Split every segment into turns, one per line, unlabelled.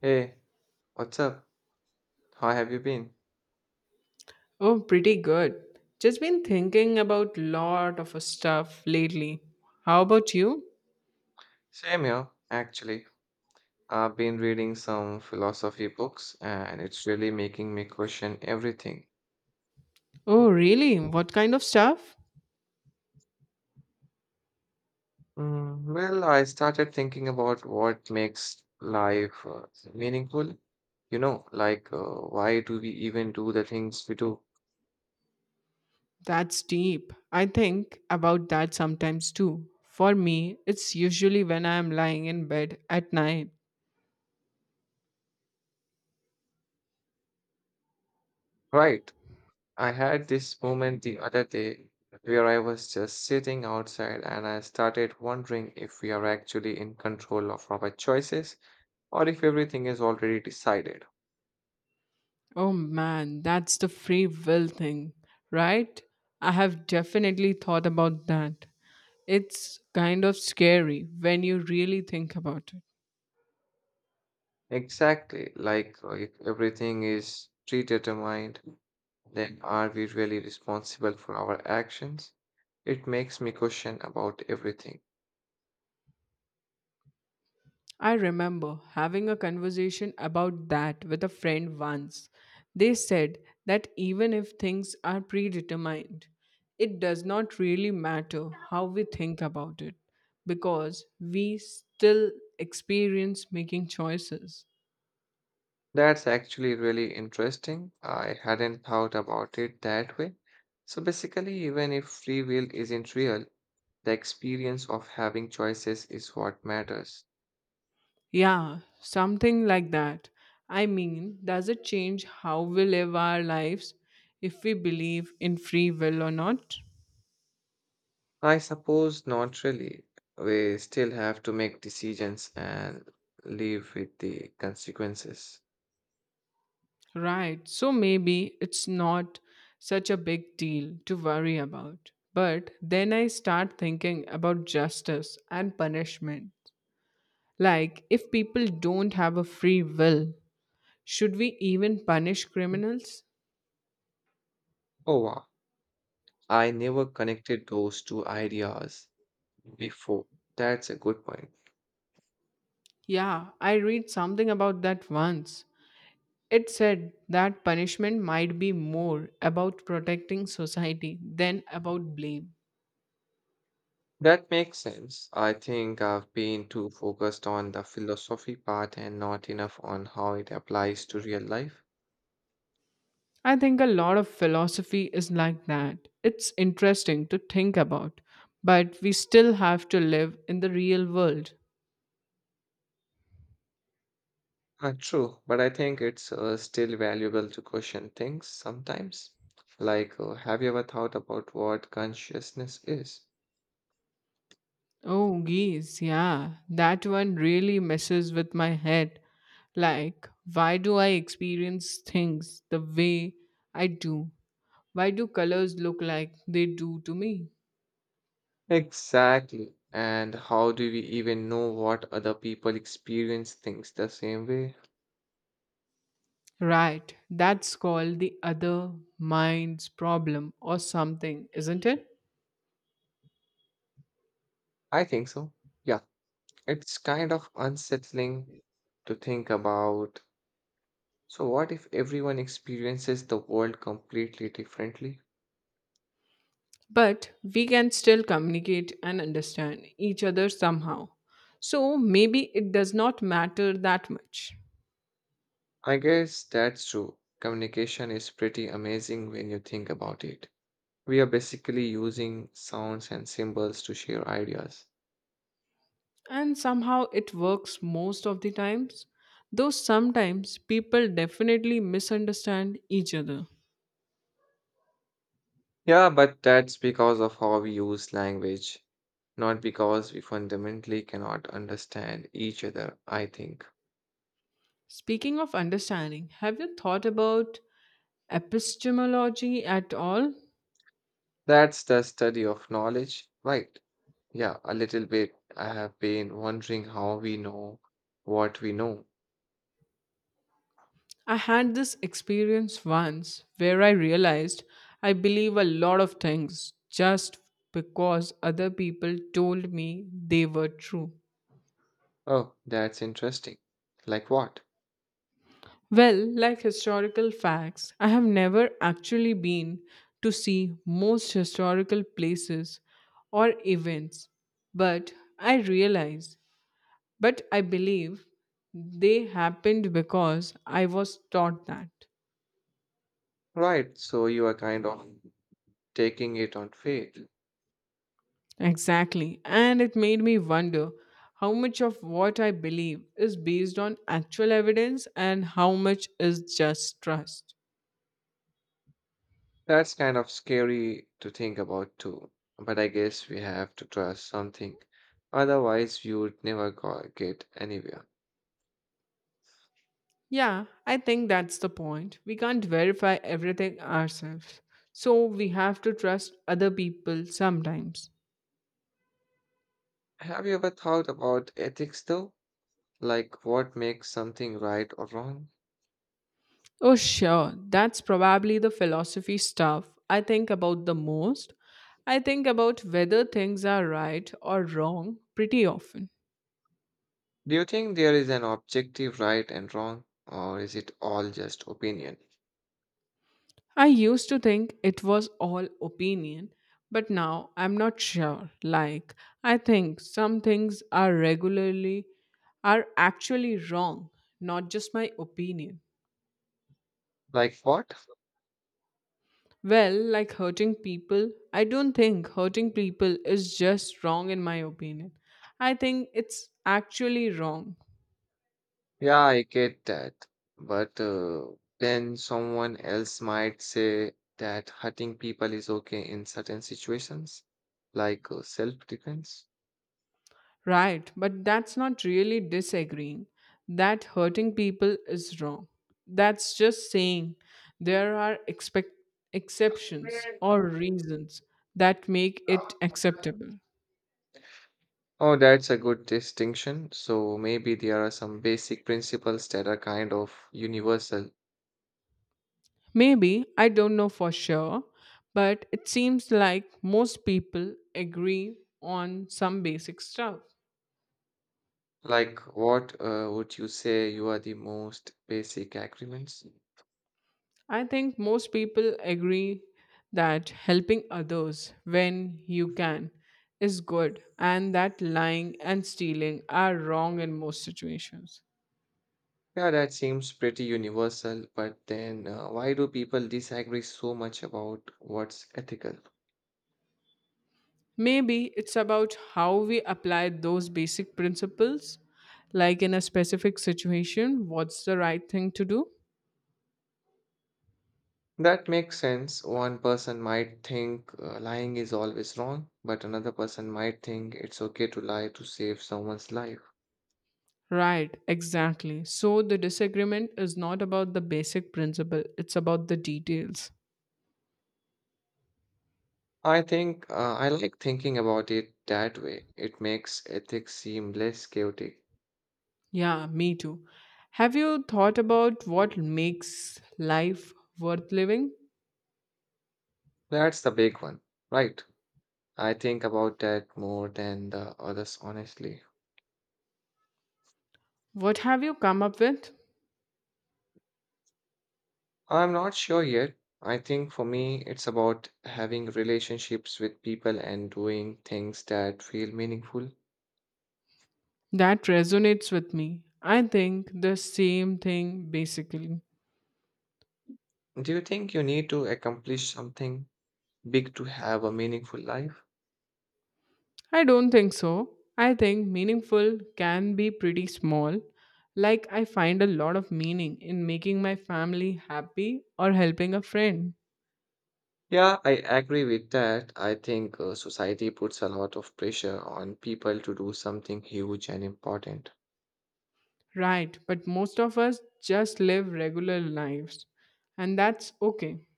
Hey, what's up? How have you been?
Oh, pretty good. Just been thinking about lot of stuff lately. How about you?
Same here, actually. I've been reading some philosophy books and it's really making me question everything.
Oh, really? What kind of stuff?
Mm, well, I started thinking about what makes life meaningful. You know, like why do we even do the things we do?
That's deep. I think about that sometimes too. For me, it's usually when I am lying in bed at night.
Right. I had this moment the other day where I was just sitting outside and I started wondering if we are actually in control of our choices or if everything is already decided.
Oh man, that's the free will thing, right? I have definitely thought about that. It's kind of scary when you really think about it.
Exactly, like if everything is predetermined, then are we really responsible for our actions? It makes me question about everything.
I remember having a conversation about that with a friend once. They said that even if things are predetermined, it does not really matter how we think about it because we still experience making choices.
That's actually really interesting. I hadn't thought about it that way. So basically, even if free will isn't real, the experience of having choices is what matters.
Yeah, something like that. I mean, does it change how we live our lives if we believe in free will or not?
I suppose not really. We still have to make decisions and live with the consequences.
Right. So maybe it's not such a big deal to worry about. But then I start thinking about justice and punishment. Like, if people don't have a free will, should we even punish criminals?
Oh wow, I never connected those two ideas before. That's a good point.
Yeah, I read something about that once. It said that punishment might be more about protecting society than about blame.
That makes sense. I think I've been too focused on the philosophy part and not enough on how it applies to real life.
I think a lot of philosophy is like that. It's interesting to think about, but we still have to live in the real world.
True, but I think it's still valuable to question things sometimes. Like, have you ever thought about what consciousness is?
Oh, geez, yeah, that one really messes with my head. Like, why do I experience things the way I do? Why do colors look like they do to me?
Exactly. And how do we even know what other people experience things the same way?
Right, that's called the other mind's problem or something, isn't it?
I think so. Yeah, it's kind of unsettling to think about. So, what if everyone experiences the world completely differently?
But we can still communicate and understand each other somehow. So maybe it does not matter that much.
I guess that's true. Communication is pretty amazing when you think about it. We are basically using sounds and symbols to share ideas.
And somehow it works most of the times, though sometimes people definitely misunderstand each other.
Yeah, but that's because of how we use language, not because we fundamentally cannot understand each other, I think.
Speaking of understanding, have you thought about epistemology at all?
That's the study of knowledge, right? Yeah, a little bit. I have been wondering how we know what we know.
I had this experience once where I realized I believe a lot of things just because other people told me they were true.
Oh, that's interesting. Like what?
Well, like historical facts, I have never actually been to see most historical places or events, but I realize, I believe they happened because I was taught that.
Right, so you are kind of taking it on faith.
Exactly. And it made me wonder how much of what I believe is based on actual evidence and how much is just trust.
That's kind of scary to think about too, but I guess we have to trust something. Otherwise, we would never go, get anywhere.
Yeah, I think that's the point. We can't verify everything ourselves. So we have to trust other people sometimes.
Have you ever thought about ethics though? Like what makes something right or wrong?
Oh, sure. That's probably the philosophy stuff I think about the most. I think about whether things are right or wrong pretty often.
Do you think there is an objective right and wrong, or is it all just opinion?
I used to think it was all opinion, but now I'm not sure. Like, I think some things are actually wrong, not just my opinion.
Like what?
Well, like hurting people, I don't think hurting people is just wrong in my opinion. I think it's actually wrong.
Yeah, I get that. But then someone else might say that hurting people is okay in certain situations, like self-defense.
Right, but that's not really disagreeing. That hurting people is wrong. That's just saying there are exceptions or reasons that make it acceptable.
Oh, that's a good distinction. So maybe there are some basic principles that are kind of universal.
Maybe, I don't know for sure, but it seems like most people agree on some basic stuff.
Like, what would you say you are the most basic agreements?
I think most people agree that helping others when you can is good and that lying and stealing are wrong in most situations.
Yeah, that seems pretty universal, but then why do people disagree so much about what's ethical?
Maybe it's about how we apply those basic principles, like in a specific situation, what's the right thing to do?
That makes sense. One person might think lying is always wrong, but another person might think it's okay to lie to save someone's life.
Right, exactly. So the disagreement is not about the basic principle, it's about the details.
I think I like thinking about it that way. It makes ethics seem less chaotic.
Yeah, me too. Have you thought about what makes life worth living?
That's the big one, right? I think about that more than the others, honestly.
What have you come up with?
I'm not sure yet. I think for me, it's about having relationships with people and doing things that feel meaningful.
That resonates with me. I think the same thing basically.
Do you think you need to accomplish something big to have a meaningful life?
I don't think so. I think meaningful can be pretty small. Like, I find a lot of meaning in making my family happy or helping a friend.
Yeah, I agree with that. I think society puts a lot of pressure on people to do something huge and important.
Right, but most of us just live regular lives, and that's okay.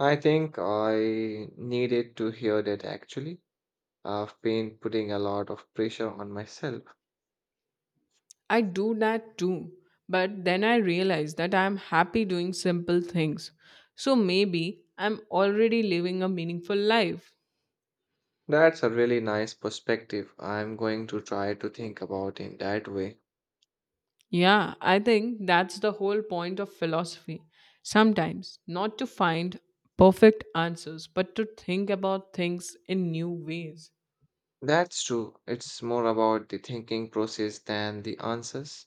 I think I needed to hear that actually. I've been putting a lot of pressure on myself.
I do that too, but then I realize that I'm happy doing simple things. So maybe I'm already living a meaningful life.
That's a really nice perspective. I'm going to try to think about in that way.
Yeah, I think that's the whole point of philosophy. Sometimes, not to find perfect answers, but to think about things in new ways.
That's true. It's more about the thinking process than the answers.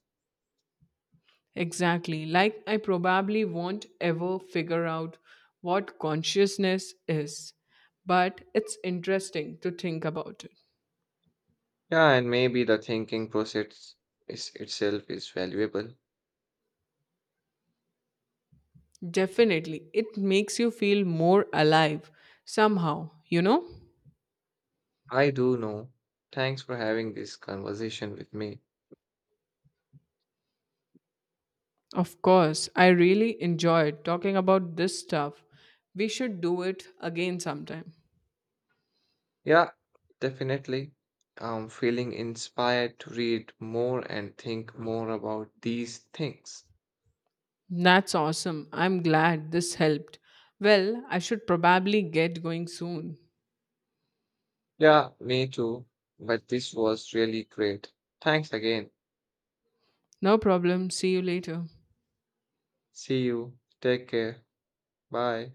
Exactly, like I probably won't ever figure out what consciousness is, but it's interesting to think about it.
Yeah, and maybe the thinking process is itself is valuable.
Definitely. It makes you feel more alive somehow, you know?
I do know. Thanks for having this conversation with me.
Of course, I really enjoyed talking about this stuff. We should do it again sometime.
Yeah, definitely. I'm feeling inspired to read more and think more about these things.
That's awesome. I'm glad this helped. Well, I should probably get going soon.
Yeah, me too. But this was really great. Thanks again.
No problem. See you later.
See you. Take care. Bye.